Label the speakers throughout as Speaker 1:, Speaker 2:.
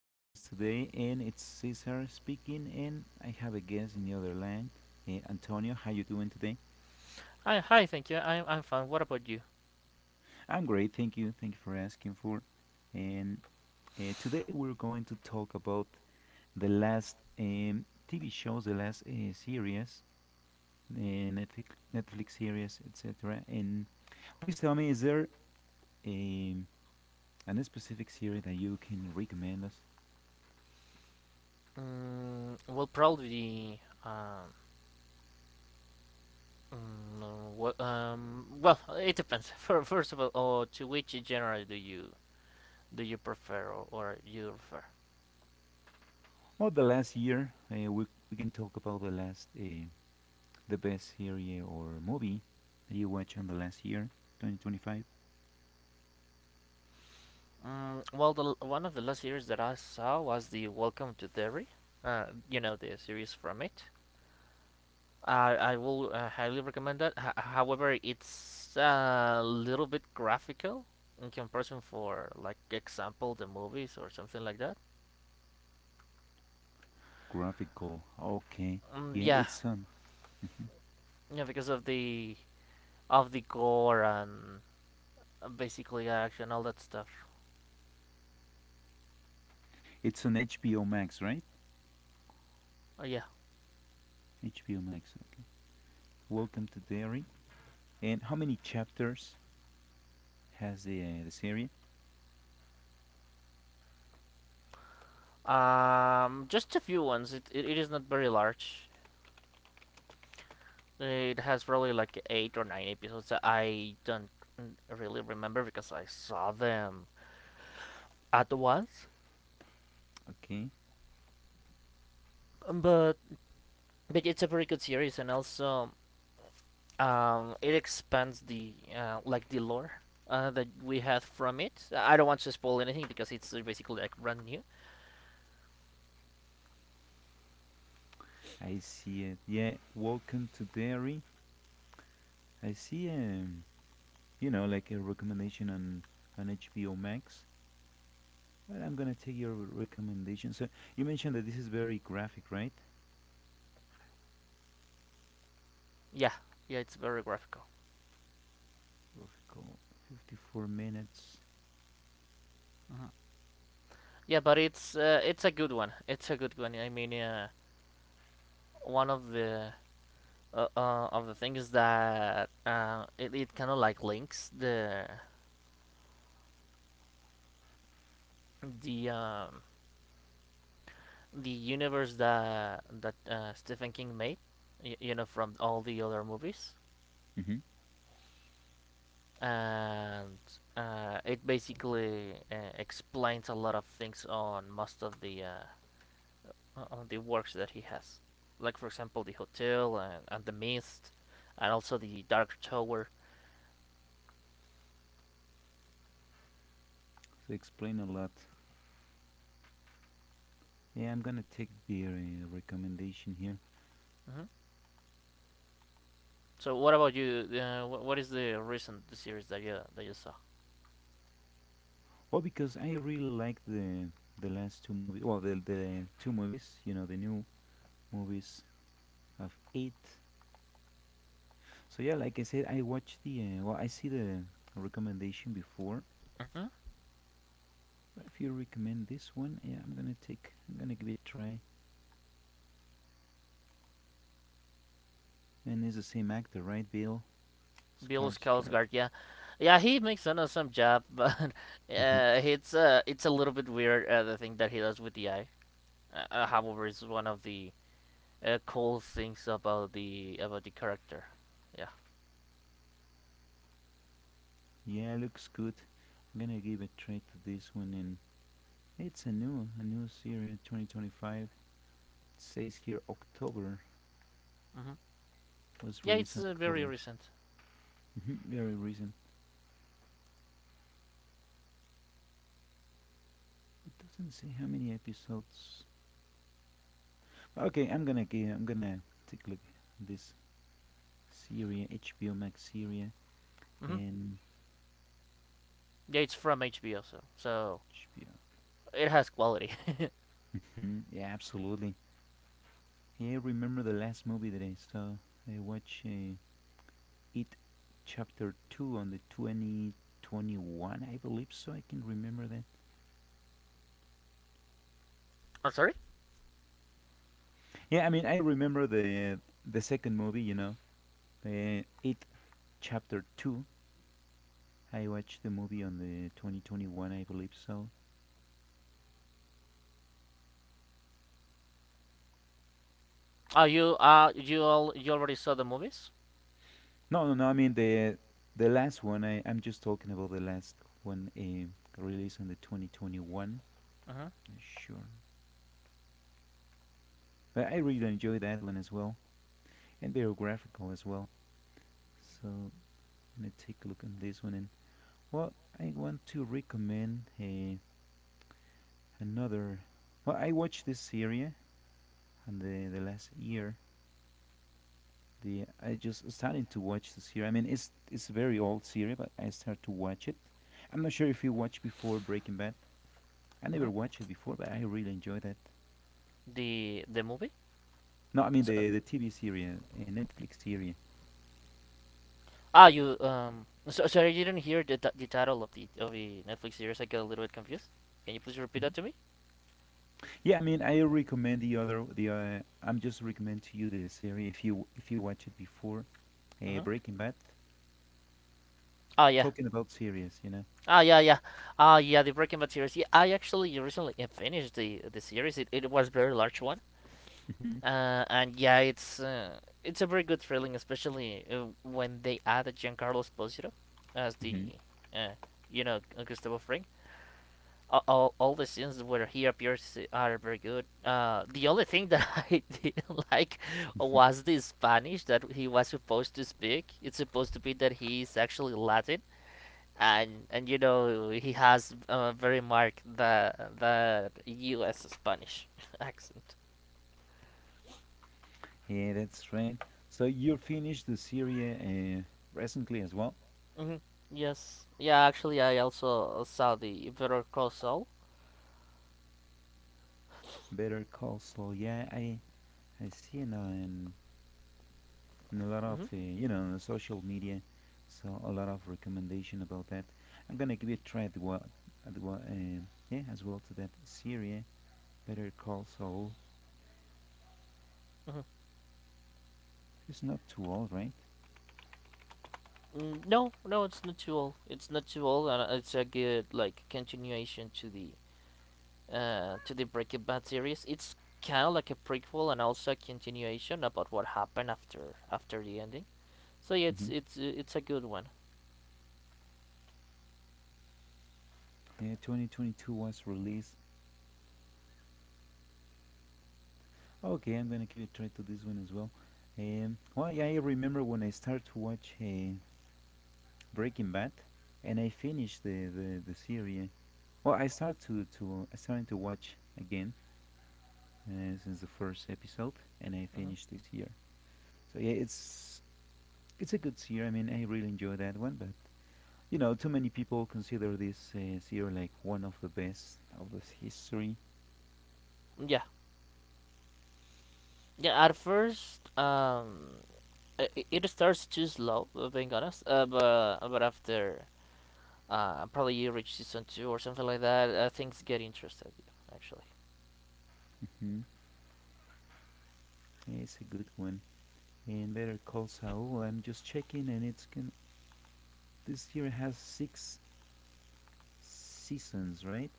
Speaker 1: listening to us today. And it's Cesar speaking, and I have a guest in the other line, Antonio. How you doing today?
Speaker 2: Hi, hi. Thank you. I'm fine. What about you?
Speaker 1: I'm great, thank you. Thank you for asking for. And Today we're going to talk about the last TV shows, the last series, uh, Netflix, Netflix series, etc. And please tell me, is there a, an specific series that you can recommend us?
Speaker 2: Well, probably. Well, it depends. First of all, to which genre do you prefer or you refer?
Speaker 1: Well, the last year, we can talk about the last. The best series or movie that you watched on the last year, 2025?
Speaker 2: Well, one of the last series that I saw was the Welcome to Derry. Uh, you know the series from it. I will highly recommend that. However, it's a little bit graphical in comparison for like example the movies or something like that.
Speaker 1: Graphical. Okay.
Speaker 2: Um,
Speaker 1: Yeah,
Speaker 2: yeah,
Speaker 1: it's on
Speaker 2: yeah, because of the gore and basically action, all that stuff.
Speaker 1: it's on HBO Max, right?
Speaker 2: Yeah,
Speaker 1: HBO Max. Okay. Welcome to Derry. And how many chapters has the series?
Speaker 2: just a few ones. It it is not very large. It has probably like eight or nine episodes that I don't really remember because I saw them at once.
Speaker 1: Okay.
Speaker 2: Um, But but it's a very good series, and also it expands the like the lore that we had from it. I don't want to spoil anything because it's basically like brand new.
Speaker 1: I see it. Yeah. Welcome to Derry. I see you know like a recommendation on HBO Max. But I'm gonna take your recommendation. So you mentioned that this is very graphic, right?
Speaker 2: Yeah, yeah, it's very graphical.
Speaker 1: Graphical. 54 minutes.
Speaker 2: Yeah, but it's a good one. It's a good one. I mean, one of the things that it, it kind of like links the um, the universe that Stephen King made, you know, from all the other movies,
Speaker 1: Mm-hmm.
Speaker 2: and it basically explains a lot of things on most of the the works that he has. Like, for example, the hotel and the mist, and also the dark tower.
Speaker 1: So explain a lot. Yeah, I'm gonna take the recommendation here.
Speaker 2: Hmm So, what about you? What is the recent series that you saw?
Speaker 1: Well, because I really like the last two movies. Well, the two movies. You know, the new movies of eight. So yeah, like I said, I watched the. Well, I see the recommendation before.
Speaker 2: Hmm
Speaker 1: But if you recommend this one, yeah, I'm gonna take. I'm gonna give it a try. And it's the same actor, right, Bill
Speaker 2: Bill
Speaker 1: Skarsgård?
Speaker 2: Skarsgård, yeah, yeah, he makes an awesome job, but it's a little bit weird the thing that he does with the eye. However, it's one of the cool things about the character. Yeah,
Speaker 1: Yeah, looks good. I'm gonna give a try to this one, and it's a new series, 2025. Says here October
Speaker 2: hmm
Speaker 1: was
Speaker 2: yeah,
Speaker 1: released
Speaker 2: it's
Speaker 1: in
Speaker 2: very
Speaker 1: October.
Speaker 2: recent.
Speaker 1: Mhm, very recent. It doesn't say how many episodes. Okay, I'm gonna take a look at this series, HBO Max series
Speaker 2: Hmm
Speaker 1: and
Speaker 2: Yeah, it's from HBO, so so
Speaker 1: HBO.
Speaker 2: it has quality.
Speaker 1: Mhm, yeah, absolutely. Yeah, I remember the last movie that I saw. I watched It Chapter 2 on the 2021, I believe so. I can remember that.
Speaker 2: I'm sorry.
Speaker 1: Yeah, I mean, I remember the second movie, you know, the It Chapter 2 I watched the movie on the 2021, I believe so.
Speaker 2: Oh, you you all you already saw the movies?
Speaker 1: No, no, no. I mean the last one. I'm just talking about the last one released on the 2021.
Speaker 2: Uh-huh.
Speaker 1: Sure, but I really enjoy that one as well, and biographical as well. So I'm gonna take a look on this one, and well, I want to recommend another. Well, I watched this series on the last year. The I just starting to watch the series. I mean, it's a very old series, but I start to watch it. I'm not sure if you watched before Breaking Bad. I
Speaker 2: Uh-huh.
Speaker 1: never watched it before, but I really enjoy that.
Speaker 2: The movie?
Speaker 1: No, I mean
Speaker 2: So,
Speaker 1: the TV series, a Netflix series.
Speaker 2: you So sorry, you didn't hear the title of the Netflix series. I got a little bit confused. Can you please repeat
Speaker 1: Mhm.
Speaker 2: that to me?
Speaker 1: Yeah, I mean I recommend the other the I'm just recommend to you the series if you watch it before
Speaker 2: Uh-huh.
Speaker 1: Breaking Bad.
Speaker 2: Oh yeah.
Speaker 1: Talking about series, you know.
Speaker 2: Ah yeah yeah. Ah yeah. The Breaking Bad series. Yeah, I actually recently finished the series. It was a very large one.
Speaker 1: Hmm
Speaker 2: And yeah, it's a very good feeling, especially when they add Giancarlo Esposito as the
Speaker 1: hmm
Speaker 2: uh, you know Gustavo Fring. All the scenes where he appears are very good. The only thing that I didn't like was the Spanish that he was supposed to speak. It's supposed to be that he is actually Latin, and you know he has very marked the U.S. Spanish accent.
Speaker 1: Yeah, that's right. So you finished the series recently as well.
Speaker 2: Mm-hmm. Yes. Yeah, actually, I also saw the Better Call Saul.
Speaker 1: Better Call Saul. Yeah, I see in, in a lot of
Speaker 2: Mm-hmm.
Speaker 1: you know on the social media, so a lot of recommendation about that. I'm gonna give it a try at what yeah as well to that Syria Better Call Saul.
Speaker 2: Mm-hmm.
Speaker 1: It's not too old, right?
Speaker 2: No, no, it's not too old. It's not too old, and it's a good like continuation to the Breaking Bad series. It's kind of like a prequel and also a continuation about what happened after the ending. So yeah,
Speaker 1: mm hmm
Speaker 2: it's it's a good one.
Speaker 1: 2022 was released. Okay, I'm gonna give it a try to this one as well. Well, yeah, I remember when I started to watch Breaking Bad, and I finished the series. Well, I started to watch again since the first episode, and I
Speaker 2: Mm-hmm.
Speaker 1: finished this year. So yeah, it's a good series. I mean, I really enjoy that one, but you know, too many people consider this series like one of the best of this history.
Speaker 2: Yeah, yeah. At first, it starts too slow. Being honest, but after probably you reach season two or something like that, things get interested, yeah, actually.
Speaker 1: Hmm It's a good one. And Better Call Saul, I'm just checking, and it's can this series has six seasons, right?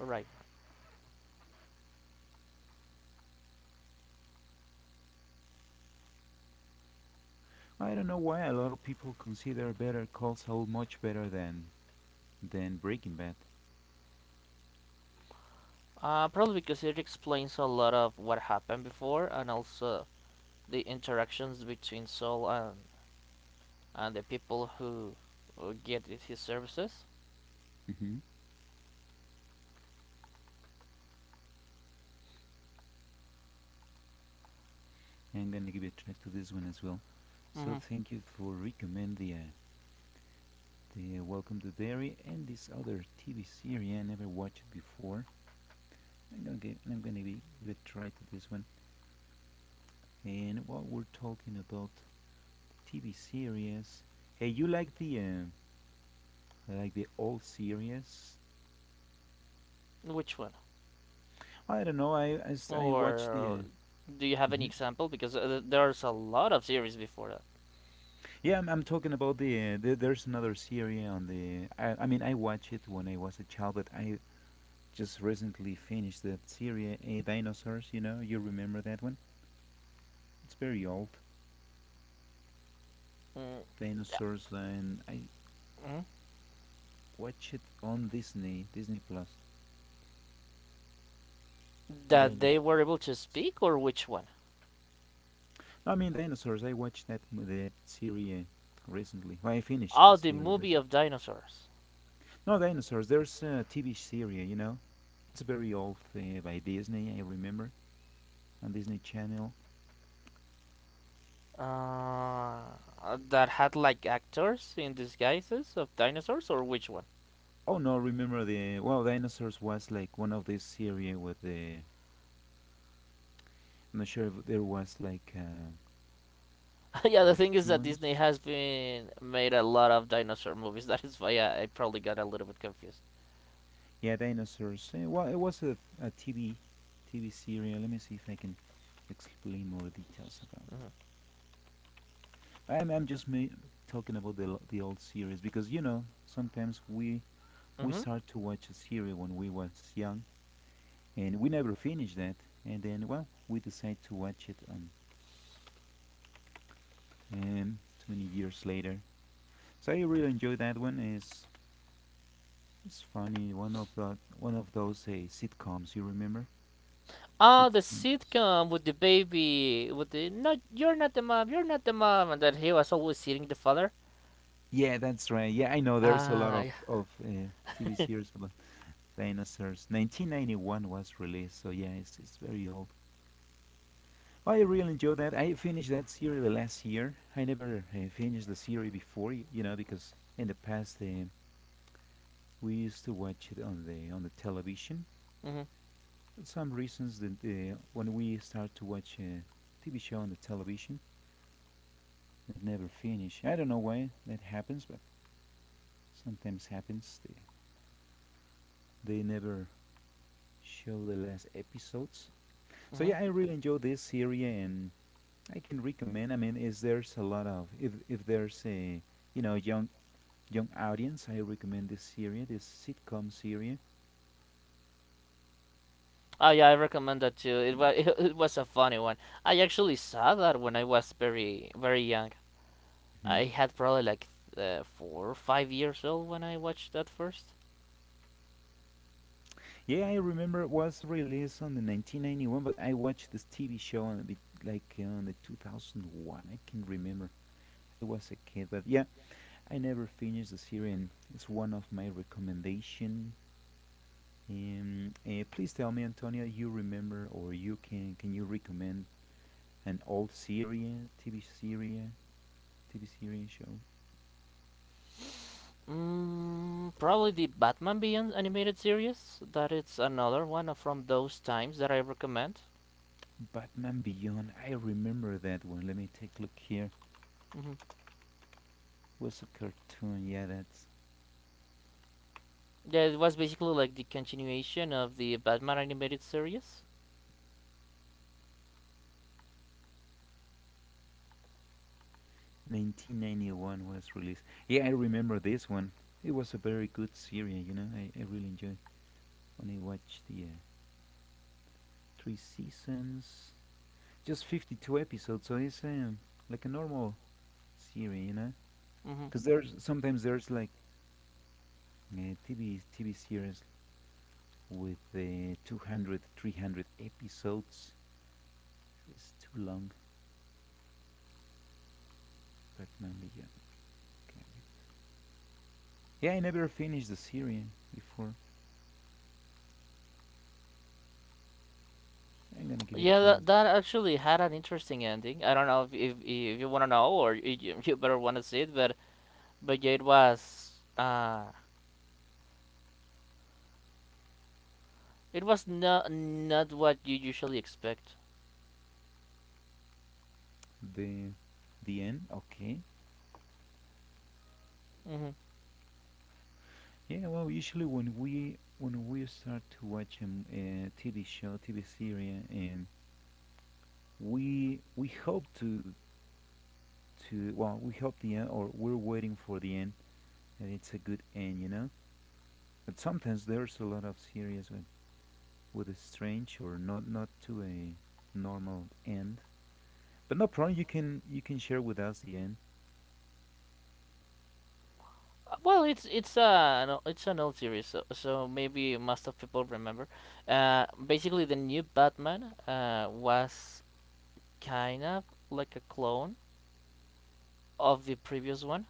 Speaker 2: All right.
Speaker 1: I don't know why a lot of people consider Better Call Saul much better than Breaking Bad.
Speaker 2: Probably because it explains a lot of what happened before and also the interactions between Saul and the people who get his services.
Speaker 1: Hmm I'm gonna give a try to this one as well. So
Speaker 2: Mm-hmm.
Speaker 1: thank you for recommend the Welcome to Dairy and this other TV series I never watched it before. I'm gonna give give a try to this one. And while we're talking about the TV series, hey, you like the old series?
Speaker 2: Which one?
Speaker 1: I don't know. I watched the.
Speaker 2: Or do you have any
Speaker 1: Mhm.
Speaker 2: example? Because there's a lot of series before that.
Speaker 1: Yeah, I'm talking about There's another series on the. I mean, I watched it when I was a child, but I just recently finished that series, Dinosaurs. You know, you remember that one? It's very old.
Speaker 2: Mm.
Speaker 1: Dinosaurs, and I
Speaker 2: Yeah. Mhm.
Speaker 1: watch it on Disney, Disney Plus.
Speaker 2: That they were able
Speaker 1: Dinosaurs.
Speaker 2: to speak, or which one?
Speaker 1: No, I mean, Dinosaurs. I watched that m- that series recently. Well, I finished the
Speaker 2: Oh, the
Speaker 1: series
Speaker 2: movie
Speaker 1: recently.
Speaker 2: of dinosaurs.
Speaker 1: No, Dinosaurs. There's a TV series. You know, it's very old by Disney. I remember on Disney Channel.
Speaker 2: Uh, that had like actors in disguises of dinosaurs, or which one?
Speaker 1: Oh no, remember the well, Dinosaurs was like one of these series with the. I'm not sure if there was like.
Speaker 2: Yeah, the thing is that
Speaker 1: Cartoons.
Speaker 2: Disney has been made a lot of dinosaur movies. That is why I probably got a little bit confused.
Speaker 1: Yeah, dinosaurs. Eh, well, it was a TV serial. Let me see if I can explain more details about.
Speaker 2: Mm-hmm.
Speaker 1: I'm I'm just ma- talking about the old series because you know sometimes we
Speaker 2: Mm-hmm.
Speaker 1: start to watch a series when we was young and we never finish that and then well we decide to watch it on too many years later. So I really enjoy that one. Is It's funny. One of those sitcoms. You remember
Speaker 2: Oh, the
Speaker 1: sitcom.
Speaker 2: sitcom with the baby, with the no, you're not the mom, you're not the mom, and that he was always hitting the father.
Speaker 1: Yeah, that's right. Yeah, I know there's a lot
Speaker 2: Ah,
Speaker 1: of
Speaker 2: yeah.
Speaker 1: of uh, TV series about dinosaurs. 1991 was released, so yeah, it's very old. Oh, I really enjoyed that. I finished that series the last year. I never finished the series before, you know, because in the past we used to watch it on the television.
Speaker 2: Mm-hmm.
Speaker 1: For some reasons, that when we start to watch a TV show on the television, that never finish. I don't know why that happens, but sometimes happens. They never show the last episodes. So
Speaker 2: Mm-hmm.
Speaker 1: yeah, I really enjoy this series, and I can recommend. I mean, is there's a lot of if there's a you know young audience, I recommend this series, this sitcom series.
Speaker 2: Oh yeah, I recommend that too. It was it was a funny one. I actually saw that when I was very very young.
Speaker 1: Hmm
Speaker 2: I had probably like 4 or 5 years old when I watched that first.
Speaker 1: Yeah, I remember it was released on the 1991, but I watched this TV show on a bit like on the 2001. I can remember. I was a kid, but yeah, I never finished the series. And it's one of my recommendation. Please tell me, Antonio, you remember or you can you recommend an old Syria TV Syria show.
Speaker 2: Probably the Batman Beyond animated series. That it's another one from those times that I recommend.
Speaker 1: Batman Beyond. I remember that one. Let me take a look here.
Speaker 2: Hmm
Speaker 1: Was a cartoon. Yeah, that's
Speaker 2: Yeah, it was basically like the continuation of the Batman animated series.
Speaker 1: 1991 was released. Yeah, I remember this one. It was a very good series. You know, I really enjoyed when I watched the three seasons. Just 52 episodes, so it's like a normal series. You know,
Speaker 2: Hmm
Speaker 1: because there's like TV series with the 200, 300 episodes. It's too long. Batman Beyond. Got it. Yeah, I never finished the series before. I'm gonna give it a
Speaker 2: Yeah,
Speaker 1: try.
Speaker 2: that, that actually had an interesting ending. I don't know if you want to know or you better want to see it, but yeah, it was not not what you usually expect.
Speaker 1: The the end. Okay.
Speaker 2: Hmm
Speaker 1: Yeah. Well, usually when we start to watch a, a TV show, TV series, and we hope to well, we hope the end, or we're waiting for the end, and it's a good end, you know. But sometimes there's a lot of series when with a strange or not to a normal end. But no problem. You can share with us the end.
Speaker 2: Well, it's it's an old series, so, so maybe most of people remember. Basically, the new Batman was kind of like a clone of the previous one.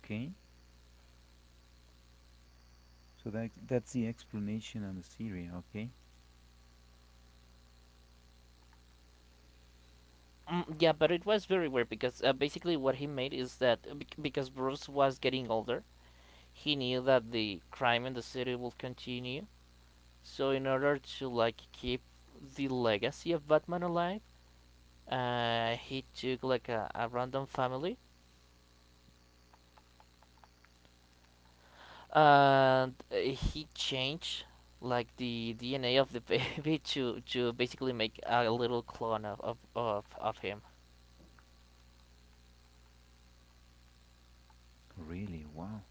Speaker 1: Okay. So that's the explanation on the series. Okay.
Speaker 2: Yeah, but it was very weird because basically what he made is that because Bruce was getting older, he knew that the crime in the city will continue. So in order to like keep the legacy of Batman alive, he took like a random family and he changed like the DNA of the baby to basically make a little clone of of him.
Speaker 1: Really. Wow.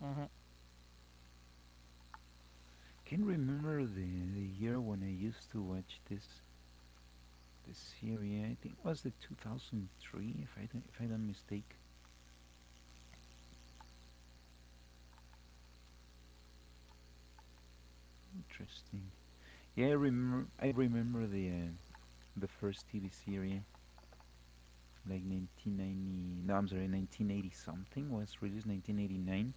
Speaker 2: Hmm
Speaker 1: Can not remember the year when I used to watch this series. I think it was the 2003, if I don't mistake. Interesting. Yeah, I remember. I remember the first TV series, like 1990. No, I'm sorry, 1980 something was released. 1989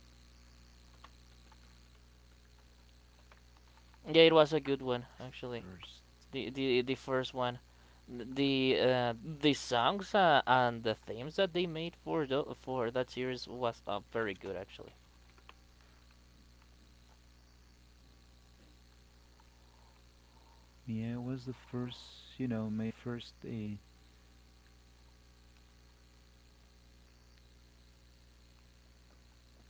Speaker 2: Yeah, it was a good one actually.
Speaker 1: first,
Speaker 2: The the first one, the uh, the songs and the themes that they made for for that series was very good actually.
Speaker 1: yeah, it was the first, you know, my first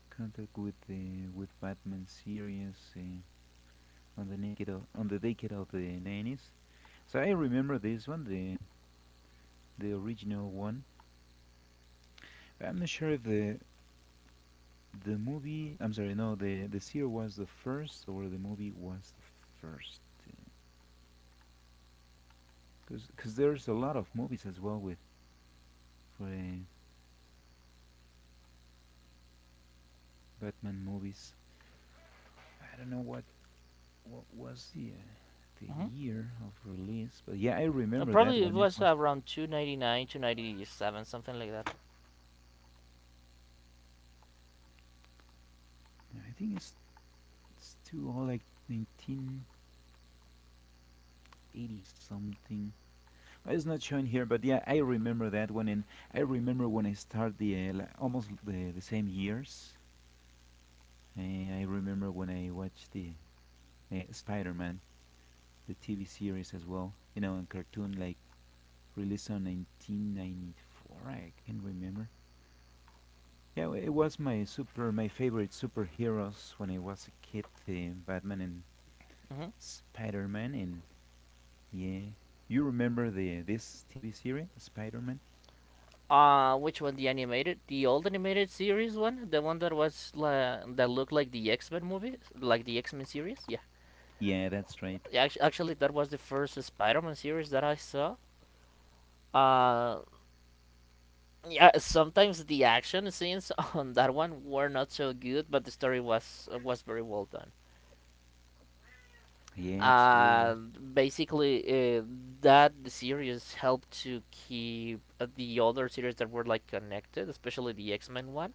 Speaker 1: contact with the with Batman series on the naked o on the decade of the 90s. So I remember this one, the original one. But I'm not sure if the movie, I'm sorry, no, the series was the first or the movie was the first. Because there's a lot of movies as well with for Batman movies. I don't know what was the
Speaker 2: Hmm
Speaker 1: year of release? But yeah, I remember that
Speaker 2: Probably it
Speaker 1: one. It
Speaker 2: was
Speaker 1: was
Speaker 2: around two ninety nine, two ninety seven, something like that.
Speaker 1: I think it's too old, like 1980 something. It's not shown here, but yeah, I remember that one, and I remember when I started the almost the same years. I remember when I watched the Spider Man, the TV series as well. You know, and cartoon like released on 1994. I can remember. Yeah, it was my favorite superheroes when I was a kid, the Batman and
Speaker 2: Mm-hmm.
Speaker 1: Spider-Man, and yeah, you remember the this TV series, Spider-Man?
Speaker 2: Which one? The animated, the old animated series one, the one that was that looked like the X Men movie, like the X Men series. Yeah,
Speaker 1: Yeah, that's right.
Speaker 2: yeah, actually, that was the first Spider Man series that I saw. Uh, yeah, sometimes the action scenes on that one were not so good, but the story was very well done.
Speaker 1: Yeah, absolutely was.
Speaker 2: Basically, that series helped to keep the other series that were like connected, especially the X Men one.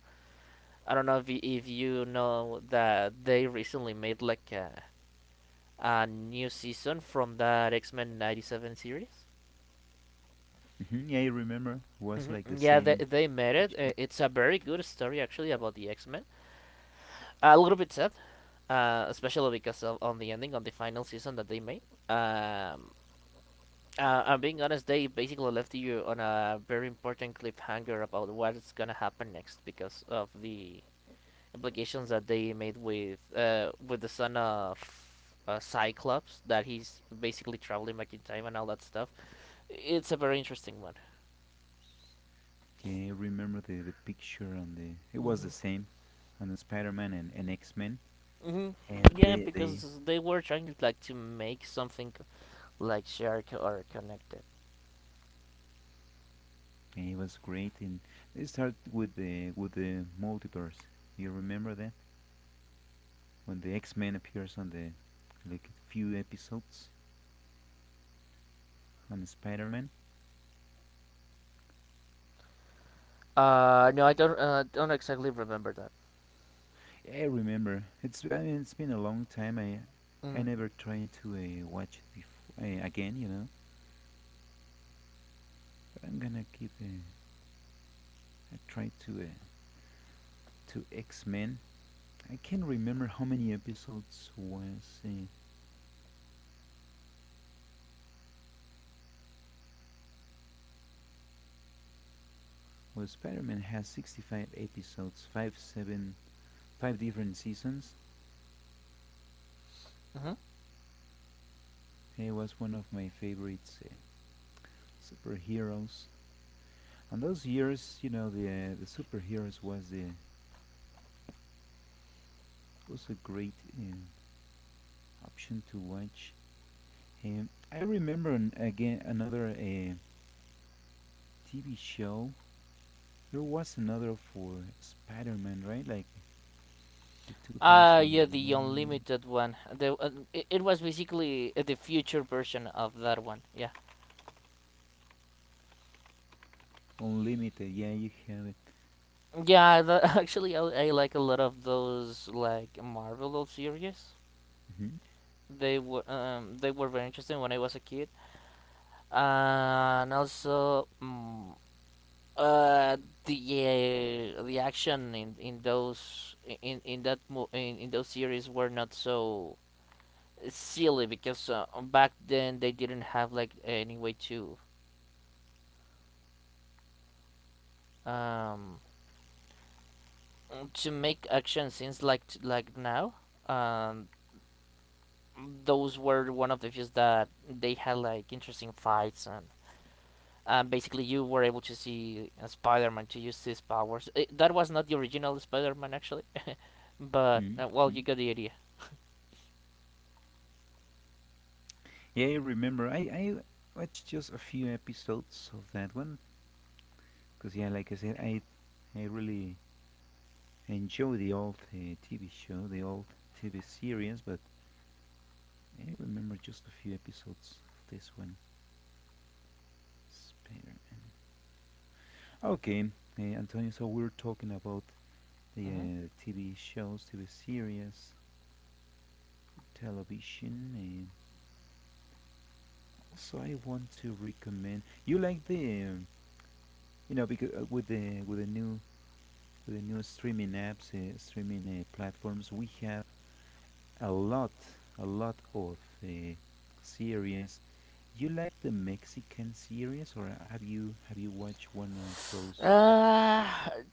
Speaker 2: I don't know if you know that they recently made like a new season from that X Men '97 series.
Speaker 1: Hmm. Yeah, I remember. Was
Speaker 2: Mhm,
Speaker 1: like the
Speaker 2: yeah,
Speaker 1: same
Speaker 2: they made it.
Speaker 1: picture.
Speaker 2: It's a very good story actually about the X Men. A little bit sad, especially because of on the ending on the final season that they made. Um, I'm being honest, they basically left you on a very important cliffhanger about what's gonna happen next because of the implications that they made with the son of Cyclops that he's basically traveling back in time and all that stuff. It's a very interesting one.
Speaker 1: Yeah, I remember the picture on the. It was
Speaker 2: Mm-hmm.
Speaker 1: the same on the Spider-Man and X-Men,
Speaker 2: Mm-hmm.
Speaker 1: and
Speaker 2: Yeah,
Speaker 1: they
Speaker 2: because they were trying like to make something like shared or connected.
Speaker 1: yeah, it was great. And they start with the multiverse. You remember that? When the X-Men appears on the like few episodes on Spider-Man.
Speaker 2: No, I don't. Don't exactly remember that.
Speaker 1: Yeah, I remember it's I mean it's been a long time. I
Speaker 2: Mm-hmm.
Speaker 1: never tried to watch it before again, you know. But I'm gonna give a try to X-Men. I can't remember how many episodes was well Spider-Man has 65 episodes, five different seasons.
Speaker 2: Mm-hmm.
Speaker 1: He was one of my favorites superheroes. And those years, you know, the superheroes was the was a great option to watch. I remember again another TV show. There was another for Spider-Man, right? Like the
Speaker 2: Yeah, the
Speaker 1: 2001
Speaker 2: unlimited one. The it, it was basically the future version of that one. Yeah.
Speaker 1: Unlimited. Yeah, you have it.
Speaker 2: Yeah, actually, I like a lot of those like Marvel old series.
Speaker 1: Hmm.
Speaker 2: They were very interesting when I was a kid, and also uh the the action in those in that in those series were not so silly because back then they didn't have like any way um to make action scenes like like now. Um, those were one of the few that they had like interesting fights and basically you were able to see Spider-Man to use his powers. That was not the original Spider-Man actually, but
Speaker 1: Hmm.
Speaker 2: well,
Speaker 1: Hmm.
Speaker 2: you got the idea.
Speaker 1: Yeah, I remember. I watched just a few episodes of that one because yeah, like I said, I really enjoy the old TV show, the old TV series, but I remember just a few episodes of this one. Spider Man. Okay, Antonio, so we're talking about the
Speaker 2: Mhm.
Speaker 1: TV shows, TV series, for television. Also, I want to recommend you like the you know because with the new with the new streaming apps, streaming platforms, we have a lot a lot of uh, series. You like the Mexican series, or have you watched one of those
Speaker 2: Uh,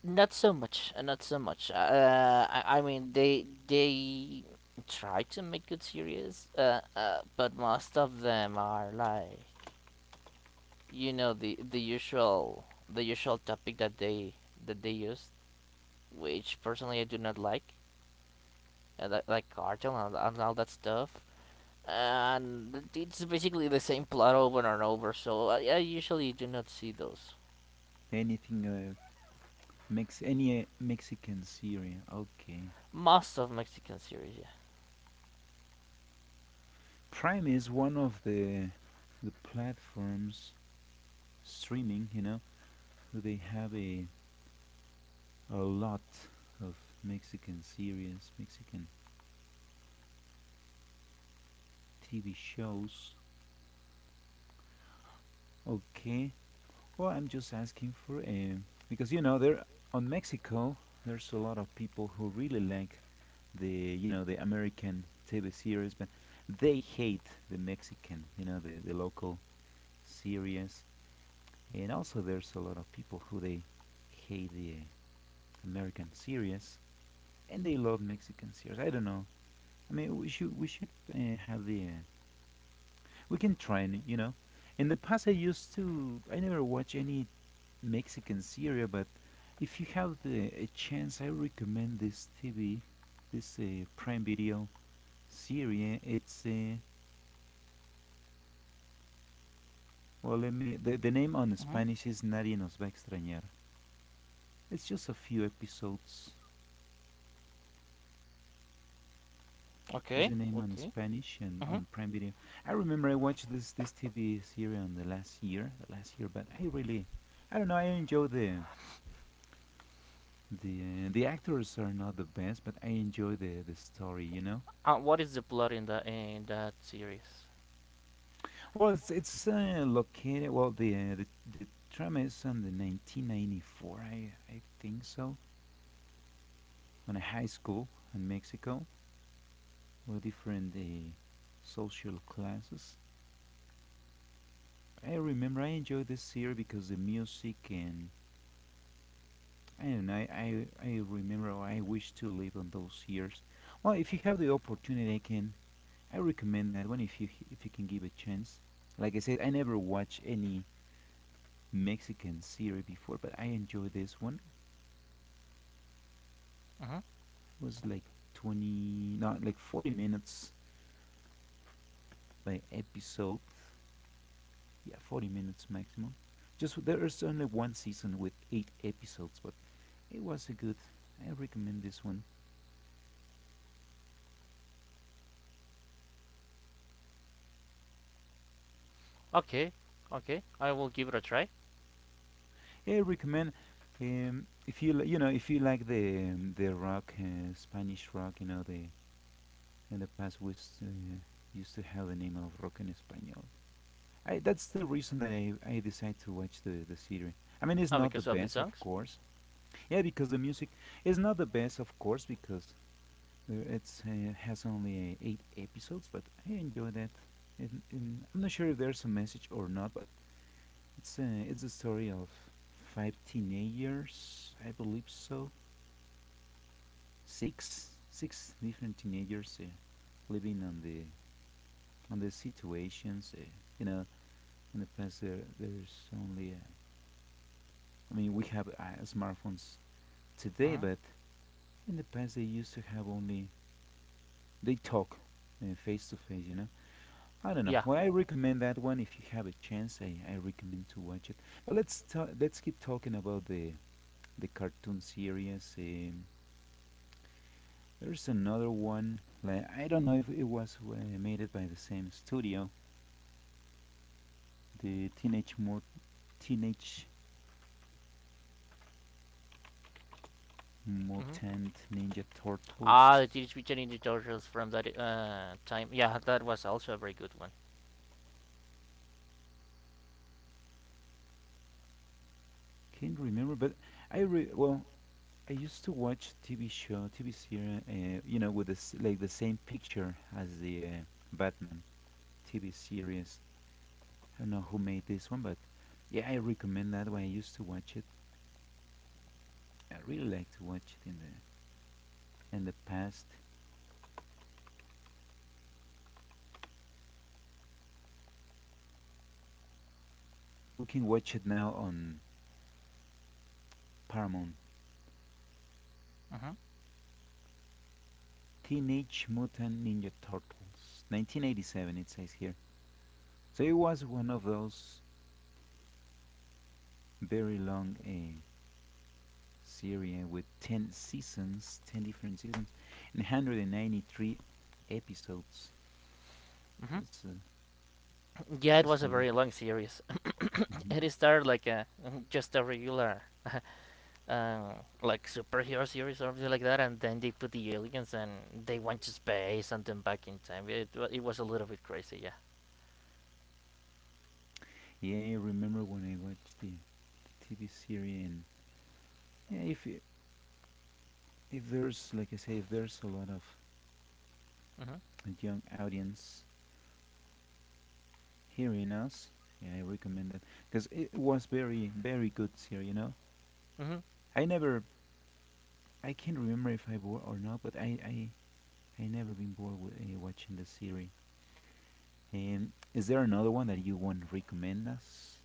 Speaker 2: Not so much. Not so much. I mean, they try to make good series, but most of them are like, you know, the usual topic that they use, which personally I do not like, like cartel and all that stuff. And it's basically the same plot over and over, so I usually do not see those.
Speaker 1: anything any Mexican series. Okay.
Speaker 2: Most of Mexican series, yeah.
Speaker 1: Prime is one of the platforms streaming, you know, they have a lot of Mexican series, Mexican TV shows. Okay. Well, I'm just asking for a because you know there on Mexico there's a lot of people who really like the you know the American TV series, but they hate the Mexican, you know, the local series. And also, there's a lot of people who they hate the American series and they love Mexican series. I don't know. I mean, we should have the we can try, and, you know. In the past, I used to I never watch any Mexican series, but if you have the a chance, I recommend this TV, this Prime Video series. It's well, let me the name on
Speaker 2: hmm
Speaker 1: Spanish is Nadie nos va a extrañar. It's just a few episodes is
Speaker 2: Okay.
Speaker 1: the name in
Speaker 2: Okay.
Speaker 1: Spanish and
Speaker 2: Mhm.
Speaker 1: on Prime Video. I remember I watched this TV series on the last year, but I really, I don't know. I enjoy the actors are not the best, but I enjoy the story. You know,
Speaker 2: What is the plot in that series?
Speaker 1: well, it's located. Well, the drama is on the 1994. I think so on a high school in Mexico with different social classes. I remember I enjoyed this series because the music and I don't know. I remember I wish to live on those years. Well, if you have the opportunity, I recommend that one if you can give a chance. Like I said, I never watched any Mexican series before, but I enjoy this one.
Speaker 2: Mhm.
Speaker 1: It was like 20, not like 40 minutes by episode. Yeah, 40 minutes maximum. Just there is only one season with eight episodes, but it was a good. I recommend this one.
Speaker 2: Okay. Okay. I will give it a try.
Speaker 1: I recommend. If you you know if you like the rock, Spanish rock, you know the in the past used to have the name of rock en español. That's the reason that I decided to watch the series. I mean, it's not the
Speaker 2: Because of the
Speaker 1: best, of
Speaker 2: songs.
Speaker 1: course. Yeah, because the music is not the best, of course, because it's has only eight episodes. But I enjoy that. And I'm not sure if there's a message or not, but it's a story of five teenagers, I believe so. Six different teenagers living on the situations. You know, in the past there's only. I mean, we have smartphones today,
Speaker 2: Mhm.
Speaker 1: but in the past they used to have only they talk face to face. You know, I don't know.
Speaker 2: Yeah.
Speaker 1: Well, I recommend that one if you have a chance. I recommend to watch it. But let's keep talking about the cartoon series. There's another one. Like I don't know if it was made it by the same studio. The Teenage Mut Teenage
Speaker 2: hmm
Speaker 1: Mutant Ninja
Speaker 2: Ah,
Speaker 1: Turtles.
Speaker 2: the Teenage Mutant Ninja Turtles from that time. Yeah, that was also a very good one.
Speaker 1: Can't remember, but well I used to watch TV show, TV series, you know, with this like the same picture as the Batman TV series. I don't know who made this one, but yeah, I recommend that one. I used to watch it. I really like to watch it in the past. We can watch it now on Paramount.
Speaker 2: Mhm.
Speaker 1: Teenage Mutant Ninja Turtles, 1987, it says here. So it was one of those very long series with 10 seasons, 10 different seasons, and 193 episodes. So
Speaker 2: Mm-hmm.
Speaker 1: it
Speaker 2: Yeah, it
Speaker 1: was
Speaker 2: was a
Speaker 1: cool. Lot.
Speaker 2: very long series. It
Speaker 1: Mhm.
Speaker 2: started like a just a regular uh, like superhero series or something like that, and then they put the aliens and they went to space and then back in time. It was a little bit crazy, yeah.
Speaker 1: Yeah, I remember when I watched the TV series, and yeah, if there's like I say, if there's a lot of
Speaker 2: Mm-hmm.
Speaker 1: young audience hearing us, yeah, I recommend that because it was very very good series. You know,
Speaker 2: Mm-hmm.
Speaker 1: I never I can't remember if I bored or not, but I never been bored with watching the series. Is there another one that you want to recommend us?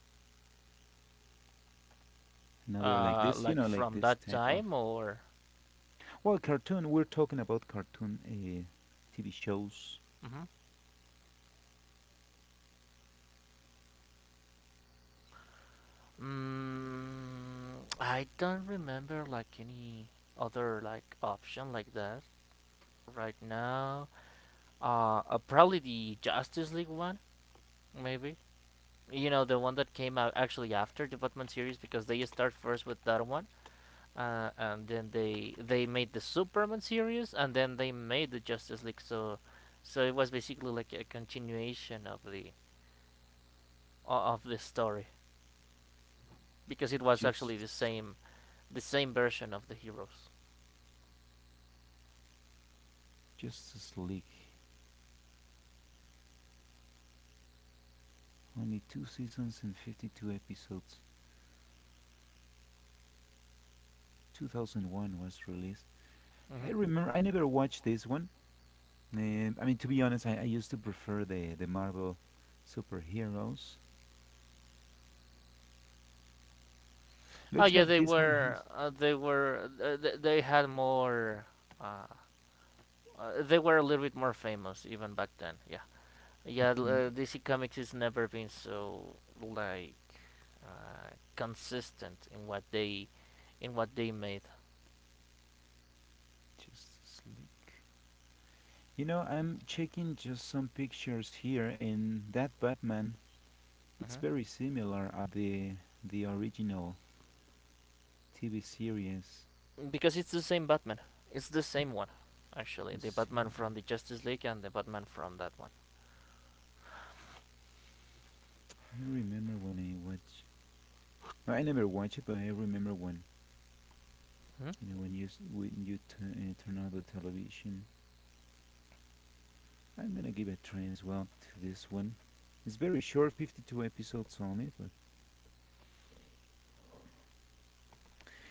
Speaker 1: Another like this, you
Speaker 2: Like
Speaker 1: know, like
Speaker 2: from
Speaker 1: this
Speaker 2: that
Speaker 1: type of.
Speaker 2: time or.
Speaker 1: Well, cartoon. We're talking about cartoon TV shows.
Speaker 2: Hmm. I don't remember like any other like option like that right now. Probably the Justice League one, maybe. You know, the one that came out actually after the Batman series because they start first with that one, and then they made the Superman series and then they made the Justice League. So it was basically like a continuation of the story because it was actually
Speaker 1: Just
Speaker 2: the same version of the heroes.
Speaker 1: Justice League, only two seasons and 52 episodes. 2001 was released. I
Speaker 2: Hmm.
Speaker 1: remember I never watched this one. I mean, to be honest, I used to prefer the Marvel superheroes.
Speaker 2: Oh
Speaker 1: Looks
Speaker 2: yeah,
Speaker 1: like
Speaker 2: they
Speaker 1: this one
Speaker 2: were
Speaker 1: has.
Speaker 2: they were they had more. Uh, they were a little bit more famous even back then. Yeah. Yeah,
Speaker 1: Mhm.
Speaker 2: DC Comics has never been so like consistent in what they made.
Speaker 1: Just sleek. You know, I'm checking just some pictures here, and that Batman, it's
Speaker 2: Hmm.
Speaker 1: very similar at the original TV series.
Speaker 2: Because it's the same Batman. It's the same one, actually.
Speaker 1: The
Speaker 2: The
Speaker 1: same
Speaker 2: Batman from
Speaker 1: one.
Speaker 2: the Justice League and the Batman from that one.
Speaker 1: I remember when I watch. No, I never watched it, but I remember when
Speaker 2: Mhm.
Speaker 1: you know when you s- when you t- turn on the television. I'm gonna give a try as well to this one. It's very short, 52 episodes only, but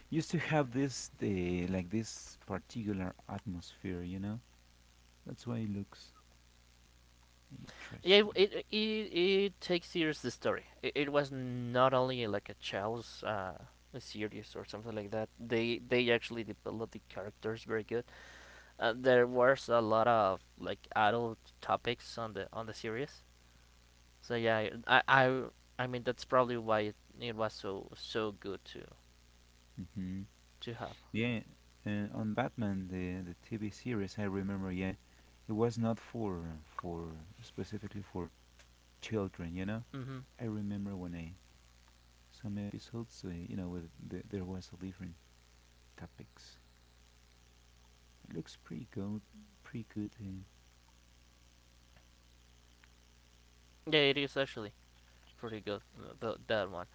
Speaker 1: used to have this the like this particular atmosphere, you know. That's why it looks
Speaker 2: Yeah,
Speaker 1: interesting.
Speaker 2: it takes serious the story. It was not only like a child's series or something like that. They actually developed the characters very good. Uh, there was a lot of like adult topics on the series. So yeah, I mean that's probably why it was so good
Speaker 1: Hmm.
Speaker 2: to have.
Speaker 1: Yeah, on Batman the TV series, I remember. Yeah, it was not for specifically for children, you know.
Speaker 2: Hmm.
Speaker 1: I remember when I some episodes, you know, with the, there was a different topics. It looks pretty good, pretty good.
Speaker 2: Yeah, it is actually pretty good the, that one.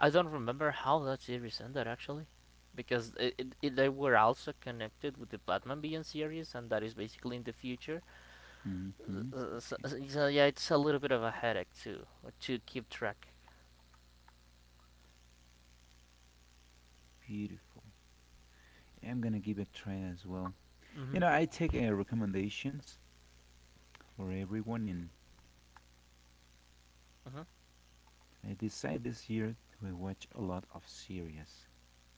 Speaker 2: I don't remember how that series ended actually, because they were also connected with the Batman Beyond series, and that is basically in the future. Uh,
Speaker 1: Mm-hmm.
Speaker 2: uh, so,
Speaker 1: Okay,
Speaker 2: so yeah, it's a little bit of a headache to keep track.
Speaker 1: beautiful. I'm gonna give it a try as well.
Speaker 2: Mm-hmm.
Speaker 1: You know, I take recommendations for everyone, and
Speaker 2: Uh-huh.
Speaker 1: I decide this year to watch a lot of series.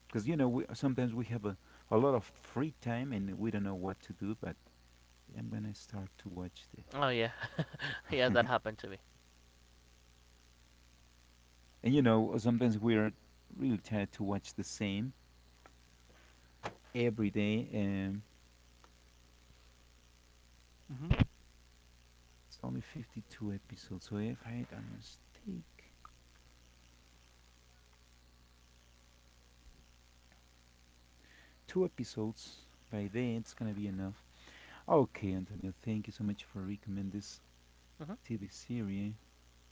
Speaker 1: Because, you know, we, sometimes we have a lot of free time and we don't know what to do, but I'm going to start to watch the.
Speaker 2: Oh yeah, yeah, that happened to me.
Speaker 1: And, you know, sometimes we are really tired to watch the same every day.
Speaker 2: Hmm.
Speaker 1: It's only 52 episodes. So if I don't mistake, two episodes by day, it's going to be enough. Okay, Antonio, thank you so much for recommend this TV series.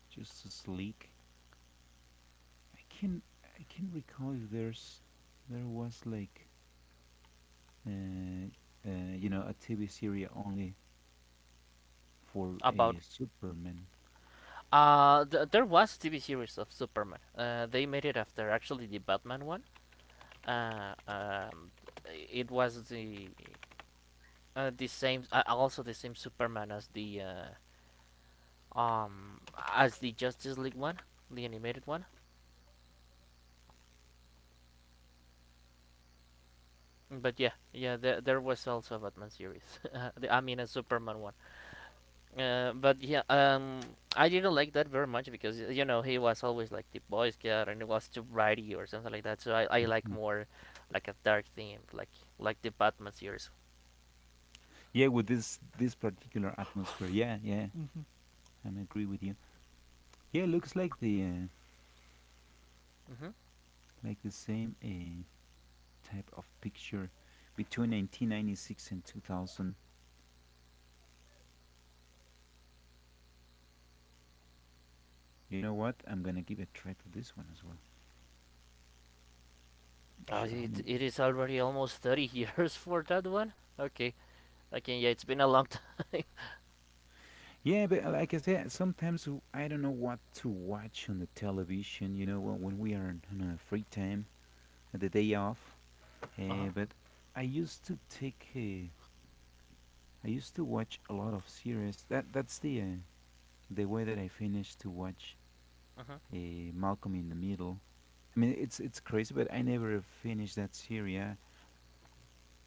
Speaker 1: Just as leak. I can I can recall if there was like uh, you know a TV series only for
Speaker 2: About
Speaker 1: a Superman.
Speaker 2: there was a TV series of Superman. They made it after actually the Batman one. Uh, um, it was the same, also the same Superman um as the Justice League one, the animated one. But yeah, yeah, there was also a Batman series. The, I mean a Superman one. But yeah, I didn't like that very much because you know he was always like the Boy Scout and it was too bratty or something like that. So I like
Speaker 1: Mm.
Speaker 2: more like a dark theme, like the Batman series.
Speaker 1: Yeah, with this particular atmosphere. Yeah, yeah, I am agree with you. Yeah, looks
Speaker 2: Mm-hmm.
Speaker 1: like the same type of picture between 1996 and 2000. You know what? I'm gonna give a try to this one as well. Not
Speaker 2: Oh,
Speaker 1: sure how many.
Speaker 2: it is already almost 30 years for that one. Okay, okay, yeah, it's been a long time.
Speaker 1: Yeah, but like I said, I don't know what to watch on the television, you know, when we are on a free time, the day off.
Speaker 2: Uh huh.
Speaker 1: But I used to take, uh, I used to watch a lot of series. That's the way that I finished to watch
Speaker 2: Uh-huh.
Speaker 1: Malcolm in the Middle. I mean, it's crazy, but I never finished that series.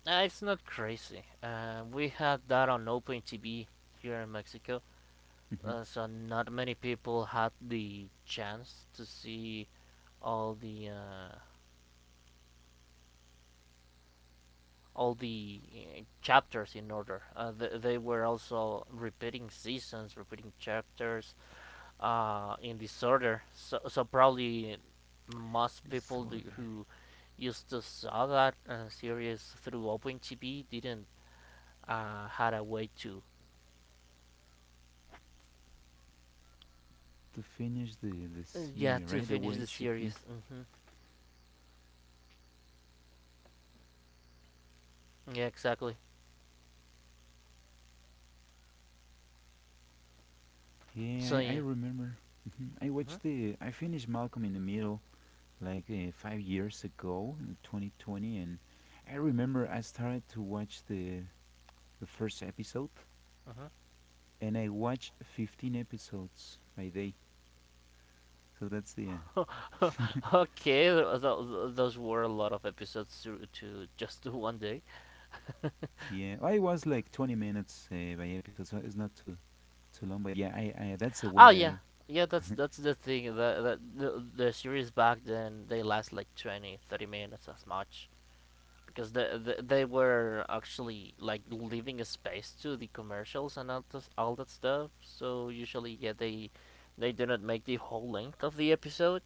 Speaker 2: It's not crazy. We had that on Open TV here in Mexico,
Speaker 1: Mm-hmm.
Speaker 2: so not many people had the chance to see all the uh, all the chapters in order. They were also repeating seasons, repeating chapters in disorder. So probably most people do,
Speaker 1: Disorder
Speaker 2: who used to saw that series through OpenTV didn't had a way to
Speaker 1: to finish the
Speaker 2: yeah
Speaker 1: series,
Speaker 2: to
Speaker 1: right? The
Speaker 2: finish
Speaker 1: way
Speaker 2: the
Speaker 1: it should
Speaker 2: series.
Speaker 1: be.
Speaker 2: Hmm. Yeah, exactly. So
Speaker 1: Yeah, I
Speaker 2: yeah.
Speaker 1: remember. Mhm. I watched the. I finished Malcolm in the Middle like 5 years ago in 2020, and I remember I started to watch the first episode,
Speaker 2: Hmm.
Speaker 1: and I watched 15 episodes by day. So that's the.
Speaker 2: Okay, those were a lot of episodes to just do one day.
Speaker 1: Yeah, I was like 20 minutes by episode, so it's not too long. But yeah, I that's the way
Speaker 2: Oh
Speaker 1: that
Speaker 2: yeah,
Speaker 1: I.
Speaker 2: yeah. That's the thing. The series back then they last like 20, 30 minutes as much because they were actually like leaving a space to the commercials and all this, all that stuff. So usually yeah they do not make the whole length of the episode.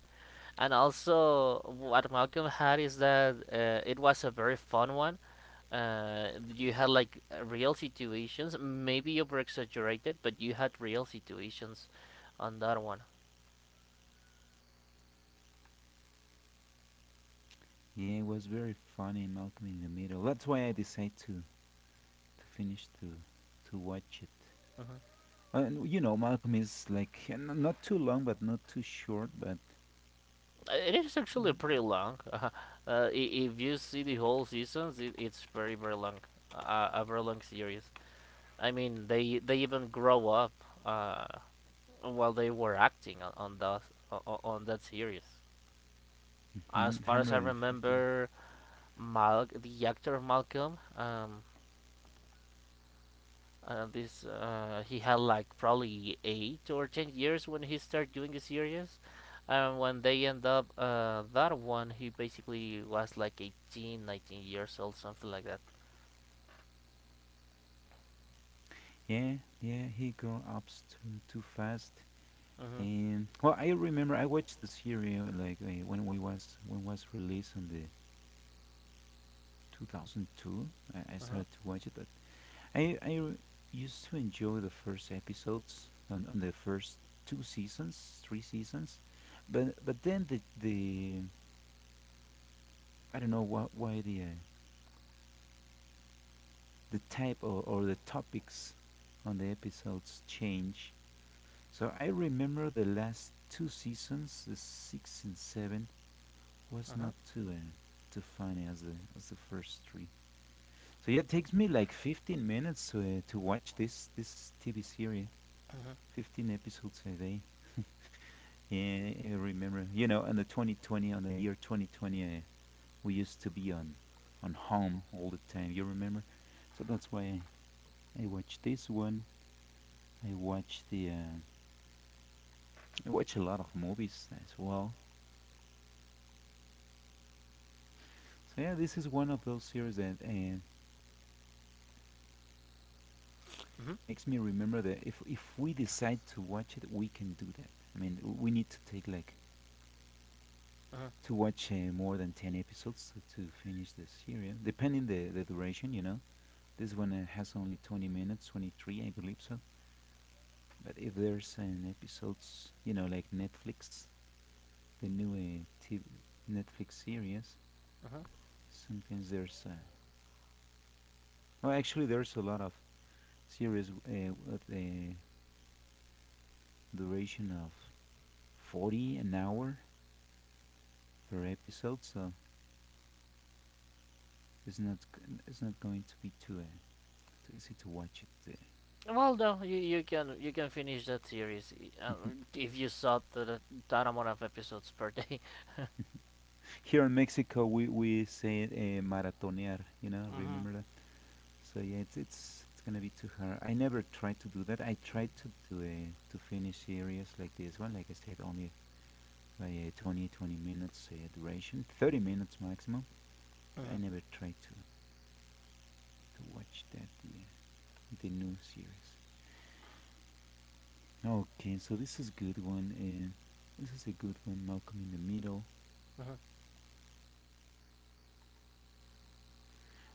Speaker 2: And also what Malcolm had is that it was a very fun one. You had like real situations, maybe over exaggerated, but you had real situations on that one.
Speaker 1: Yeah, it was very funny, Malcolm in the Middle. That's why I decided to finish to watch it.
Speaker 2: Mm-hmm.
Speaker 1: And you know, Malcolm is like not too long, but not too short, but
Speaker 2: It is actually pretty long. If you see the whole seasons, it's very very long, a very long series. I mean, they even grow up uh, while they were acting on that on that series.
Speaker 1: mhm,
Speaker 2: As far as I
Speaker 1: 150.
Speaker 2: remember, Mal the actor Malcolm, this he had like probably 8 or 10 years when he started doing the series, and when they end up that one, he basically was like 18, 19 years old, something like that.
Speaker 1: Yeah, yeah, he grew up too fast.
Speaker 2: Mhm,
Speaker 1: And well, I remember I watched the series like when was released on the 2002. I
Speaker 2: mhm,
Speaker 1: started to watch it, but I I r- used to enjoy the first episodes on the first two seasons, three seasons, but then the I don't know why the type or the topics on the episodes change. So I remember the last two seasons, the six and seven, was
Speaker 2: mhm,
Speaker 1: not too funny as the first three. So yeah, it takes me like 15 minutes to watch this TV series,
Speaker 2: mhm,
Speaker 1: 15 episodes a day. Yeah, I remember, on the 2020, on the year 2020, we used to be on home all the time. You remember? So that's why I watched this one I watch the uh, I watch a lot of movies as well. So yeah, this is one of those series that
Speaker 2: mhm,
Speaker 1: makes me remember that if we decide to watch it, we can do that. I mean, we need to take like
Speaker 2: mhm,
Speaker 1: to watch more than 10 episodes to finish the series, depending the duration. You know, this one has only 20 minutes, 23, I believe so. But if there's an episodes, you know, like Netflix, the new TV, Netflix series,
Speaker 2: mhm.
Speaker 1: sometimes there's. Well, actually, there's a lot of series with a duration of 40 an hour per episode, so it's not going to be too easy to watch it
Speaker 2: Well, no, you can finish that series uh,
Speaker 1: uh.
Speaker 2: if you saw the that amount of episodes per day.
Speaker 1: Here in Mexico we say maratonear, you know,
Speaker 2: Hmm.
Speaker 1: remember that. So yeah, it's gonna be too hard. I never tried to do that. I tried to do to finish series like this one, like I said, only by twenty minutes duration, 30 minutes maximum. I
Speaker 2: Hmm.
Speaker 1: never tried to watch that the new series. Okay, so this is good one. This is a good one, Malcolm in the Middle.
Speaker 2: Hmm.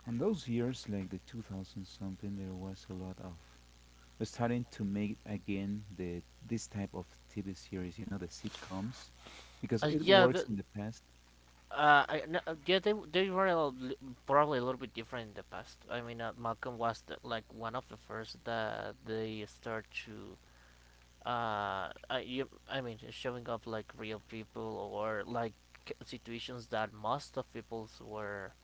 Speaker 1: And those years, like the 2000 something, there was a lot of starting to make again the this type of TV series, you know, the sitcoms, because it
Speaker 2: Yeah,
Speaker 1: works
Speaker 2: the,
Speaker 1: in the past.
Speaker 2: I, no, Yeah, they were probably a little bit different in the past. I mean, Malcolm was the, like one of the first that they start to I mean, showing up like real people or like situations that most of people's were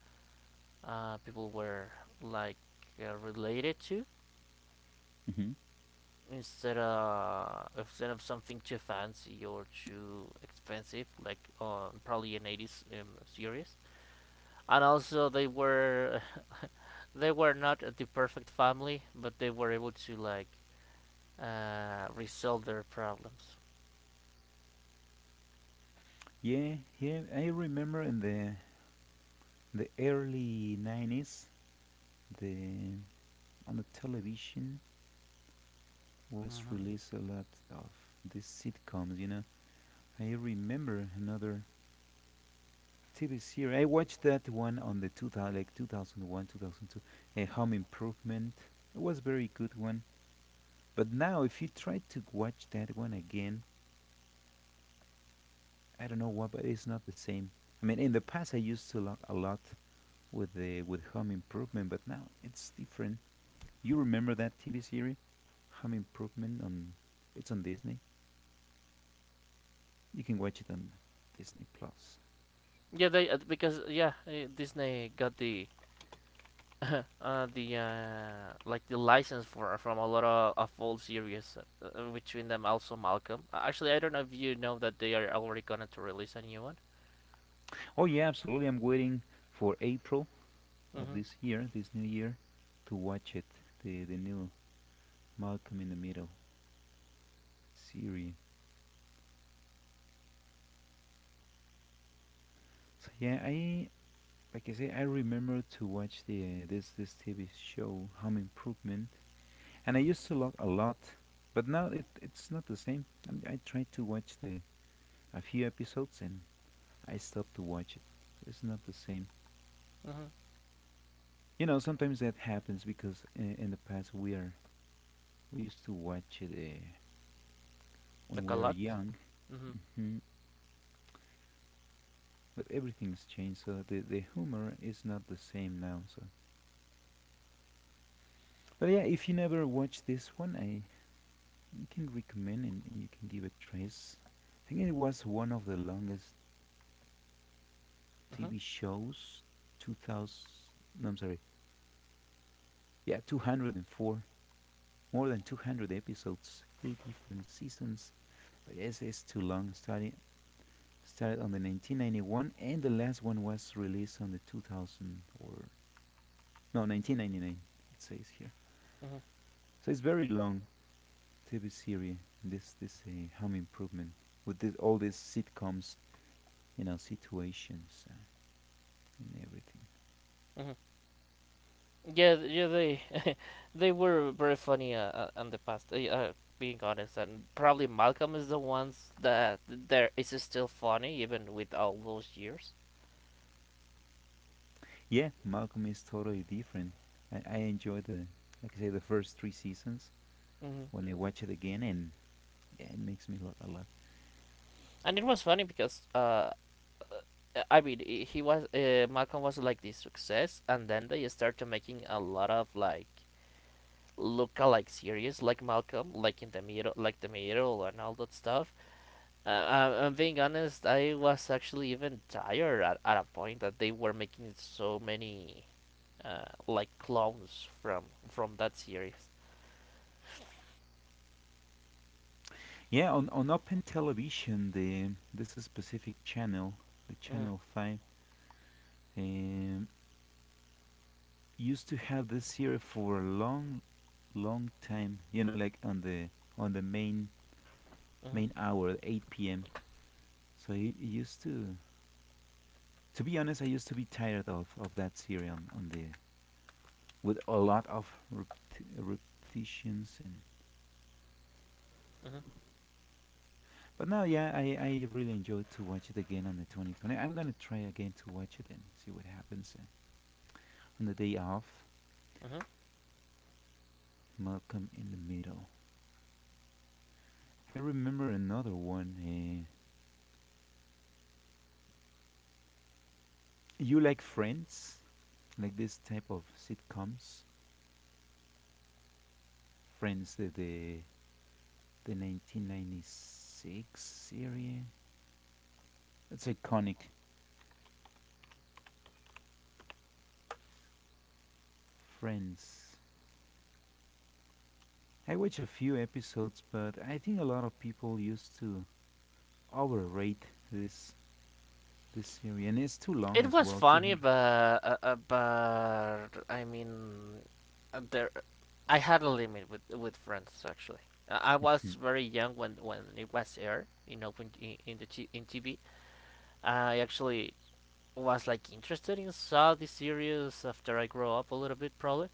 Speaker 2: people were like related to
Speaker 1: Hmm.
Speaker 2: instead of something too fancy or too expensive like probably an 80s series and also they were not the perfect family, but they were able to like resolve their problems.
Speaker 1: Yeah, yeah, I remember in the early 90s, the on the television was
Speaker 2: Mhm.
Speaker 1: released a lot of these sitcoms, you know. I remember another TV series. I watched that one on the 2000, like 2001, 2002, Home Improvement. It was very good one. But now, if you try to watch that one again, I don't know why, but it's not the same. I mean, in the past, I used to laugh a lot with Home Improvement, but now it's different. You remember that TV series, Home Improvement? On It's on Disney. You can watch it on Disney Plus.
Speaker 2: Yeah, they because yeah, Disney got the the like the license for from a lot of old series, between them also Malcolm. Actually, I don't know if you know that they are already gonna to release a new one.
Speaker 1: Oh yeah, absolutely. I'm waiting for April of
Speaker 2: Mhm.
Speaker 1: this year, this new year, to watch it, the new Malcolm in the Middle series. So yeah, I like I say, I remember to watch the this this TV show Home Improvement, and I used to love a lot, but now it's not the same. I mean, I tried to watch the a few episodes and I stopped to watch it, so it's not the same.
Speaker 2: Mhm.
Speaker 1: You know, sometimes that happens because in the past we used to watch it when
Speaker 2: Like a
Speaker 1: we are
Speaker 2: lot.
Speaker 1: young.
Speaker 2: Mhm.
Speaker 1: Mhm. But everything's changed, so the humor is not the same now. So but yeah, if you never watched this one, I can recommend, and you can give it a trace. I think it was one of the longest
Speaker 2: Mhm.
Speaker 1: TV shows. 2000. No, I'm sorry. Yeah, 204, more than 200 episodes, eight different seasons. So yes, it's too long. Started on the 1991, and the last one was released on the 2000 or no, 1999, it says here.
Speaker 2: Mhm.
Speaker 1: So it's very long TV series, this Home Improvement, with this, all these sitcoms, you know, situations and everything.
Speaker 2: Mhm. Yeah, yeah, they they were very funny in the past. Being honest, and probably Malcolm is the ones that there is still funny even with all those years.
Speaker 1: Yeah, Malcolm is totally different. I enjoy the, like I say, the first three seasons
Speaker 2: Hmm.
Speaker 1: when I watch it again, and yeah, it makes me laugh a lot.
Speaker 2: And it was funny because I mean he was Malcolm was like this success, and then they started making a lot of like look-alike series like Malcolm, like in the middle, like the middle, and all that stuff. I'm being honest, I was actually even tired at a point that they were making so many like clones from that series.
Speaker 1: Yeah, on Open Television, the this is specific channel, the
Speaker 2: Mhm,
Speaker 1: channel five, um, used to have this series for a long, long time. You know, like on the main
Speaker 2: mhm,
Speaker 1: main hour, 8 p.m. So you used to be honest, I used to be tired of that series on the with a lot of repetitions and.
Speaker 2: mhm,
Speaker 1: But now, yeah, I really enjoyed to watch it again on the 2020. I'm gonna try again to watch it and see what happens. And on the day off,
Speaker 2: mhm.
Speaker 1: Malcolm in the Middle. I remember another one. You like Friends, like this type of sitcoms. Friends, the 1996 series. It's iconic. Friends. I watched a few episodes, but I think a lot of people used to overrate this this series, and it's too long
Speaker 2: It
Speaker 1: as
Speaker 2: was
Speaker 1: well. Two
Speaker 2: funny,
Speaker 1: hundred.
Speaker 2: but I mean, there I had a limit with friends actually. I was very young when it was aired, you know, when, in the in TV. I actually was like interested in saw the series after I grow up a little bit probably.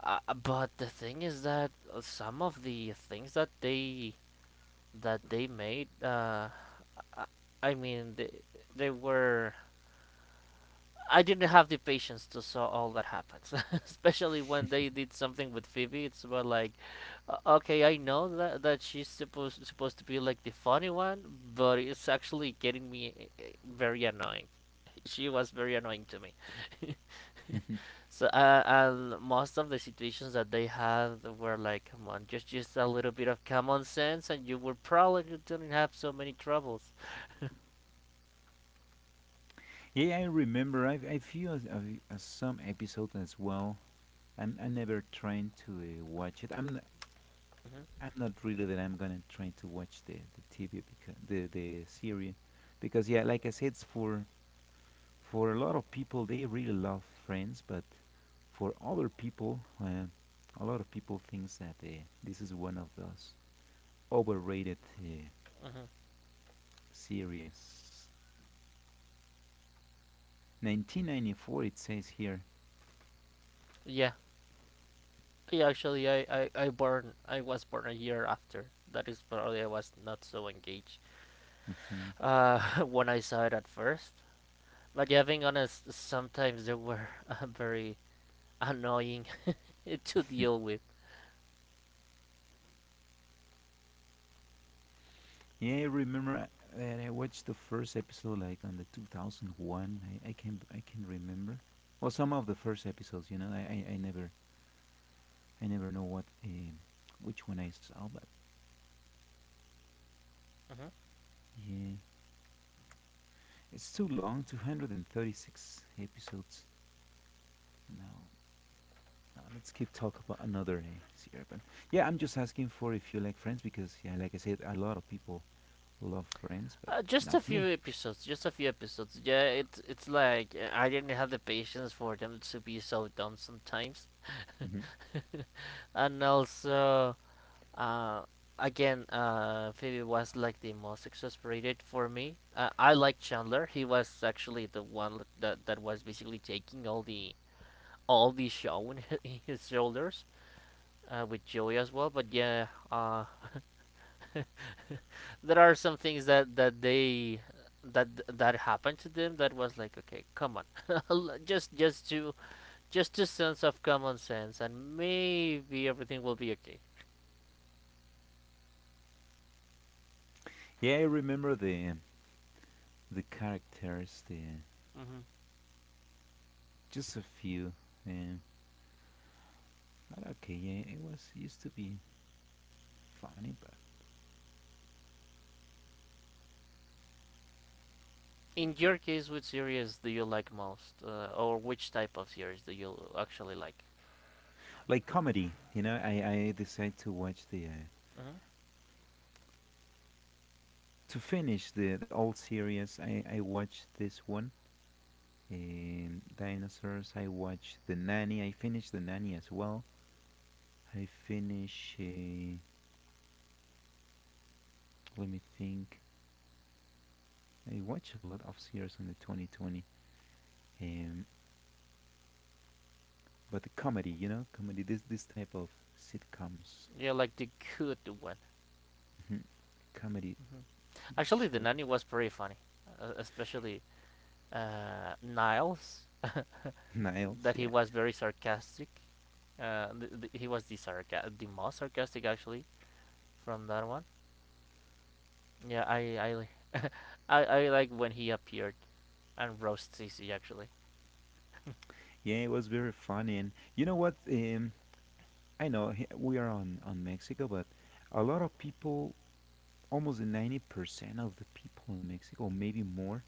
Speaker 2: But the thing is that some of the things that they made, I- mean, they were. I didn't have the patience to saw all that happens, especially when they did something with Phoebe. It's about like, okay, I know that that she's supposed to be like the funny one, but it's actually getting me very annoying. She was very annoying to me. So, and most of the situations that they had were like, come on, just a little bit of common sense, and you would probably don't have so many troubles.
Speaker 1: Yeah, I remember. I've I few as, as some episodes as well. I never trying to watch it.
Speaker 2: Hmm.
Speaker 1: I'm not really that I'm gonna try to watch the TV because the series, because yeah, like I said, it's for a lot of people they really love Friends, but for other people a lot of people thinks that this is one of those overrated
Speaker 2: Hmm.
Speaker 1: series, 1994, it says here.
Speaker 2: Yeah, yeah. Actually, I born, I was born a year after. That is probably I was not so engaged.
Speaker 1: Hmm.
Speaker 2: Uh, when I saw it at first, but yeah, being honest, sometimes they were very annoying to deal with.
Speaker 1: Yeah, I remember that I watched the first episode like on the 2001. I can remember well some of the first episodes, you know. I never I never know what which one I saw, but
Speaker 2: Mhm.
Speaker 1: yeah, it's too long, 236 episodes. No, no. Let's keep talk about another series. But yeah, I'm just asking for if you like Friends because yeah, like I said, a lot of people love Friends, but
Speaker 2: Just
Speaker 1: not
Speaker 2: a few
Speaker 1: me.
Speaker 2: episodes, just a few episodes. Yeah, it's like I didn't have the patience for them to be so dumb sometimes,
Speaker 1: Hmm.
Speaker 2: and also, uh, Phoebe was like the most exasperated for me. I like Chandler. He was actually the one that that was basically taking all the show in his, in his shoulders, with Joey as well. But yeah, there are some things that that they that that happened to them that was like okay come on just just to just to sense of common sense and maybe everything will be okay.
Speaker 1: Yeah, I remember the characters, the
Speaker 2: Hmm.
Speaker 1: just a few. Um, but okay, yeah, it was used to be funny, but
Speaker 2: In your case which series do you like most or which type of series do you actually like.
Speaker 1: like comedy, you know. I decided to watch the
Speaker 2: Hmm.
Speaker 1: to finish the old series. I watched this one. Dinosaurs. I watched The Nanny. I finished The Nanny as well. I finish. Let me think. I watch a lot of series in the 2020. Um, but the comedy, you know, comedy. This type of sitcoms,
Speaker 2: Do like the good one.
Speaker 1: hmm comedy
Speaker 2: Hmm.
Speaker 1: TV
Speaker 2: Actually the
Speaker 1: shows.
Speaker 2: nanny was pretty funny especially Niles
Speaker 1: Niles,
Speaker 2: that he
Speaker 1: yeah,
Speaker 2: was very sarcastic. He was the the most sarcastic actually from that one. Yeah, I I like when he appeared and roast C C actually.
Speaker 1: yeah, it was very funny. And you know what? I know we are on Mexico, but a lot of people, almost 90% of the people in Mexico, maybe more,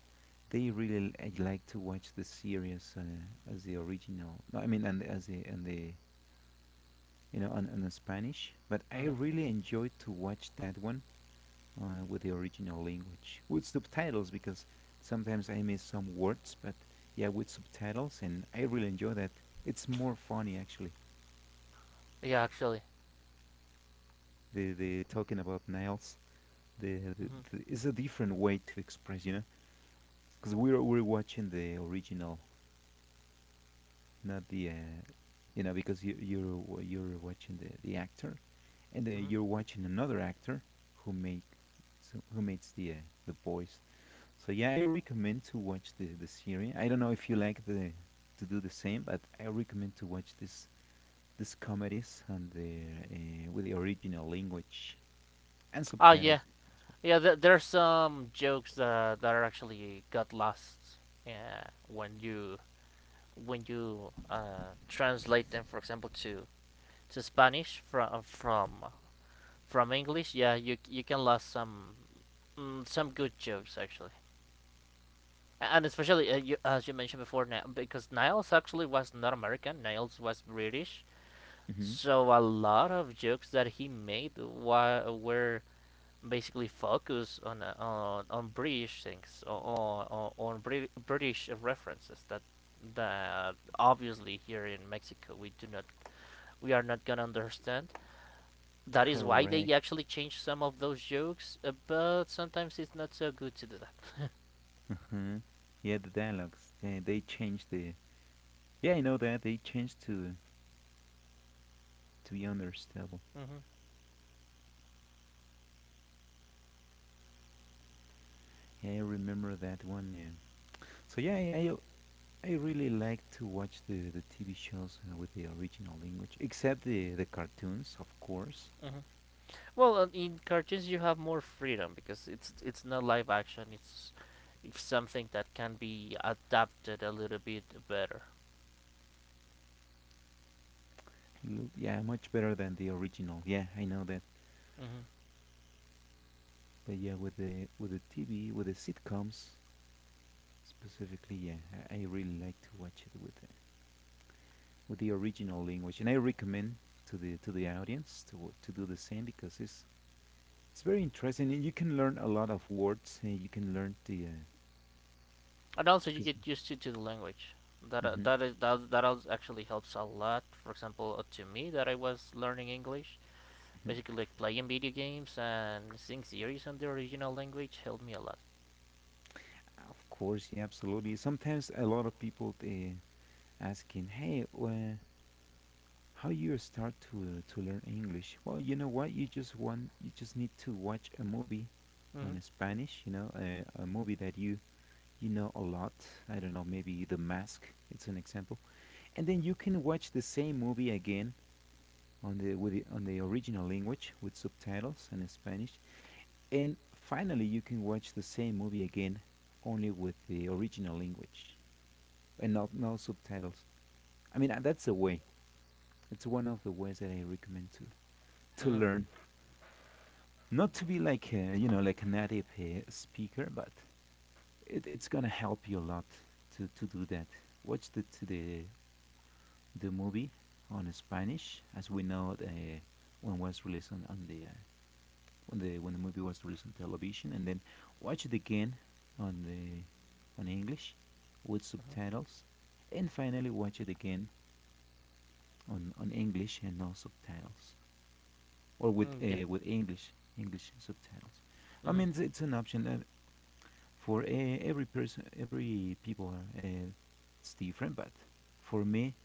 Speaker 1: they really like to watch the series as the original. No, I mean, and as the and the you know, on the Spanish. But I
Speaker 2: Mhm.
Speaker 1: really enjoyed to watch that one with the original language, with subtitles, because sometimes I miss some words, but yeah, with subtitles, and I really enjoy that. It's more funny, actually.
Speaker 2: Yeah, actually.
Speaker 1: The talking about Niles, the, the,
Speaker 2: Mhm.
Speaker 1: the is a different way to express, you know, because we're watching the original, not the, you know, because you're watching the actor and then
Speaker 2: Mhm.
Speaker 1: you're watching another actor who make who makes the voice. So yeah, I recommend to watch the series. I don't know if you like the to do the same, but I recommend to watch this comedies and the with the original language and
Speaker 2: Ah, yeah.
Speaker 1: subtitles.
Speaker 2: Yeah, there's some jokes that that are actually got lost. Yeah, when you translate them, for example, to Spanish from English, yeah, you can lose some some good jokes actually, and especially as you mentioned before, now, because Niles actually was not American. Niles was British,
Speaker 1: Mm-hmm.
Speaker 2: so a lot of jokes that he made were basically focused on on British things or on British references that that obviously here in Mexico we do not we are not gonna understand that is why they
Speaker 1: Correct.
Speaker 2: actually change some of those jokes, but sometimes it's not so good to do that.
Speaker 1: Uh-huh. Yeah, the dialogues they changed the. Yeah, I know that they changed to be understandable.
Speaker 2: Hmm.
Speaker 1: Yeah, I remember that one. So yeah, I really like to watch the TV shows with the original language, except the cartoons, of course.
Speaker 2: Hmm. Well, in cartoons you have more freedom because it's not live action. It's something that can be adapted a little bit better.
Speaker 1: Mm, yeah, much better than the original. Yeah, I know that.
Speaker 2: Hmm.
Speaker 1: But yeah, with the TV, with the sitcoms specifically, yeah, I really like to watch it with the original language, and I recommend to the audience to do the same because it's very interesting, and you can learn a lot of words, and you can learn
Speaker 2: And also you
Speaker 1: 'cause-
Speaker 2: get used to the language.
Speaker 1: Mhm,
Speaker 2: That is that actually helps a lot. For example, to me that I was learning English,
Speaker 1: mhm.
Speaker 2: basically like playing video games and seeing series on the original language helped me a lot.
Speaker 1: Of course, yeah, absolutely. Sometimes a lot of people asking, "Hey, how you start to learn English?" Well, you know what? You just need to watch a movie
Speaker 2: Hmm.
Speaker 1: on Spanish. You know, a movie that you know a lot. I don't know, maybe The Mask. It's an example, and then you can watch the same movie again on the original language with subtitles in Spanish, and finally you can watch the same movie again only with the original language and not no subtitles. I mean, that's a way. It's one of the ways that I recommend to
Speaker 2: Hmm.
Speaker 1: learn, not to be like a, you know, like a native speaker, but it's gonna help you a lot to do that. Watch the to the The movie on Spanish, as we know the when was released on the when the movie was released on television, and then watch it again on the on English with
Speaker 2: Mm-hmm.
Speaker 1: subtitles, and finally watch it again on English and no subtitles, or
Speaker 2: Mm, yeah.
Speaker 1: with English subtitles. I
Speaker 2: Mm-hmm.
Speaker 1: mean, it's an option for every person, every people. It's different, but for me,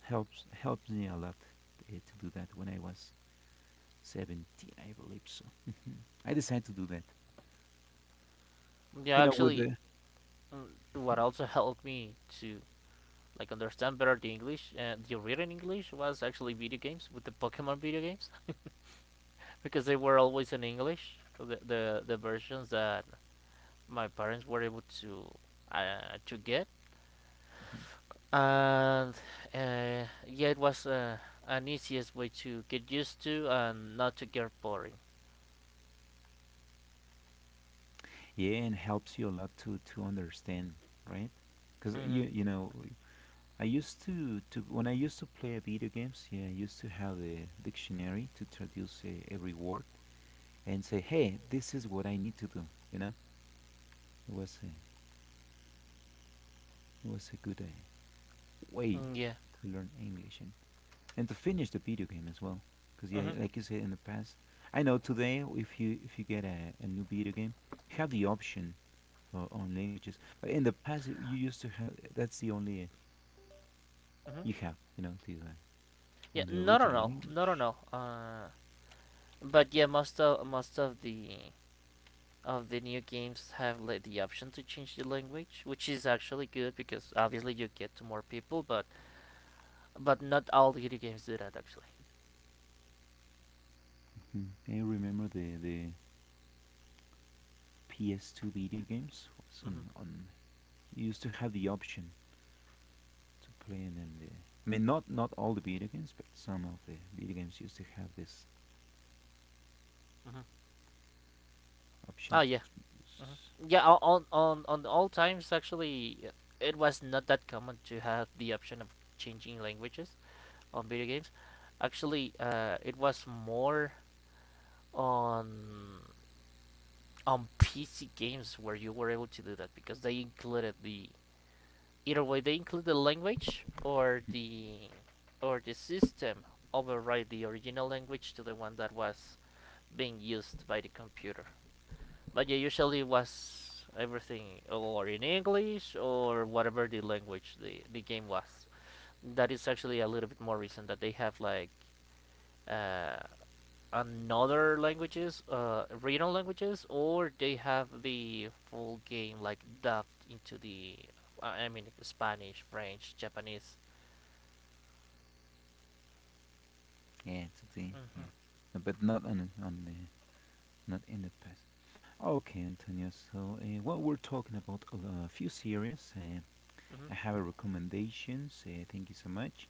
Speaker 1: helps me a lot to do that. When I was 17, I believe so. Mhm. I decided to do that.
Speaker 2: Yeah,
Speaker 1: You know, with
Speaker 2: actually,
Speaker 1: the
Speaker 2: mm, what also helped me to like understand better the English and the written English was actually video games with the Pokemon video games because they were always in English. The versions that my parents were able to get, and yeah, it was an easiest way to get used to and not to get boring.
Speaker 1: Yeah, and helps you a lot to understand, right? Because
Speaker 2: Mm-hmm.
Speaker 1: you know, I used to when I used to play video games, yeah, I used to have the dictionary to traduce every word and say, "Hey, this is what I need to do." You know, it was a good way
Speaker 2: Mm, yeah.
Speaker 1: to learn English and to finish the video game as well. Because yeah,
Speaker 2: Mm-hmm.
Speaker 1: like you said in the past, I know today if you get a new video game, you have the option for own languages. But in the past, you used to have that's the only
Speaker 2: Mm-hmm.
Speaker 1: you have, you know, the
Speaker 2: Yeah.
Speaker 1: on the
Speaker 2: Not at
Speaker 1: original
Speaker 2: all. Not at
Speaker 1: language.
Speaker 2: all. But yeah, most of the new games have like, the option to change the language, which is actually good because obviously you get to more people. But not all video games do that actually.
Speaker 1: Mhm. I remember the PS2 video games was
Speaker 2: Mm-hmm.
Speaker 1: on you used to have the option to playing in the. I mean, not not all the video games, but some of the video games used to have this
Speaker 2: Mm-hmm. Oh
Speaker 1: option to
Speaker 2: yeah. Hmm.
Speaker 1: reduce.
Speaker 2: Yeah, on all times actually, it was not that common to have the option of changing languages on video games. Actually, it was more on on PC games where you were able to do that because they included the either way, they include the language
Speaker 1: Mhm,
Speaker 2: or the system override the original language to the one that was being used by the computer. But yeah, usually it was everything or in English or whatever the language the game was. That is actually a little bit more recent that they have like uh, another languages, regional languages, or they have the full game like dubbed into the, I mean, Spanish, French, Japanese.
Speaker 1: yeah, to the yeah.
Speaker 2: Hmm.
Speaker 1: But not on the, not in the past. Okay, Antonio. So, well, we're talking about a few series.
Speaker 2: Hmm.
Speaker 1: I have a recommendations. Thank you so much.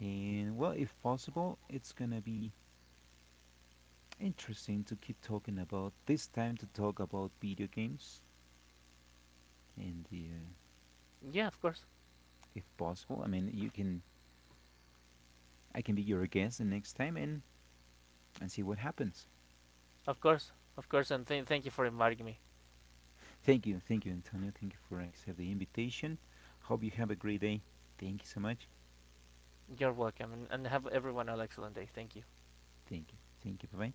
Speaker 1: And well, if possible, it's gonna be interesting to keep talking about this time to talk about video games and the.
Speaker 2: Yeah,
Speaker 1: If possible. I mean, you can I can be your guest the next time and see what happens.
Speaker 2: of course, and thank you for inviting me.
Speaker 1: Thank you. Thank you, Antonio. Thank you for accepting the invitation. Hope you have a great day. Thank you so much.
Speaker 2: You're welcome, and have everyone an excellent day. Thank you.
Speaker 1: Thank you. Thank you. Bye bye.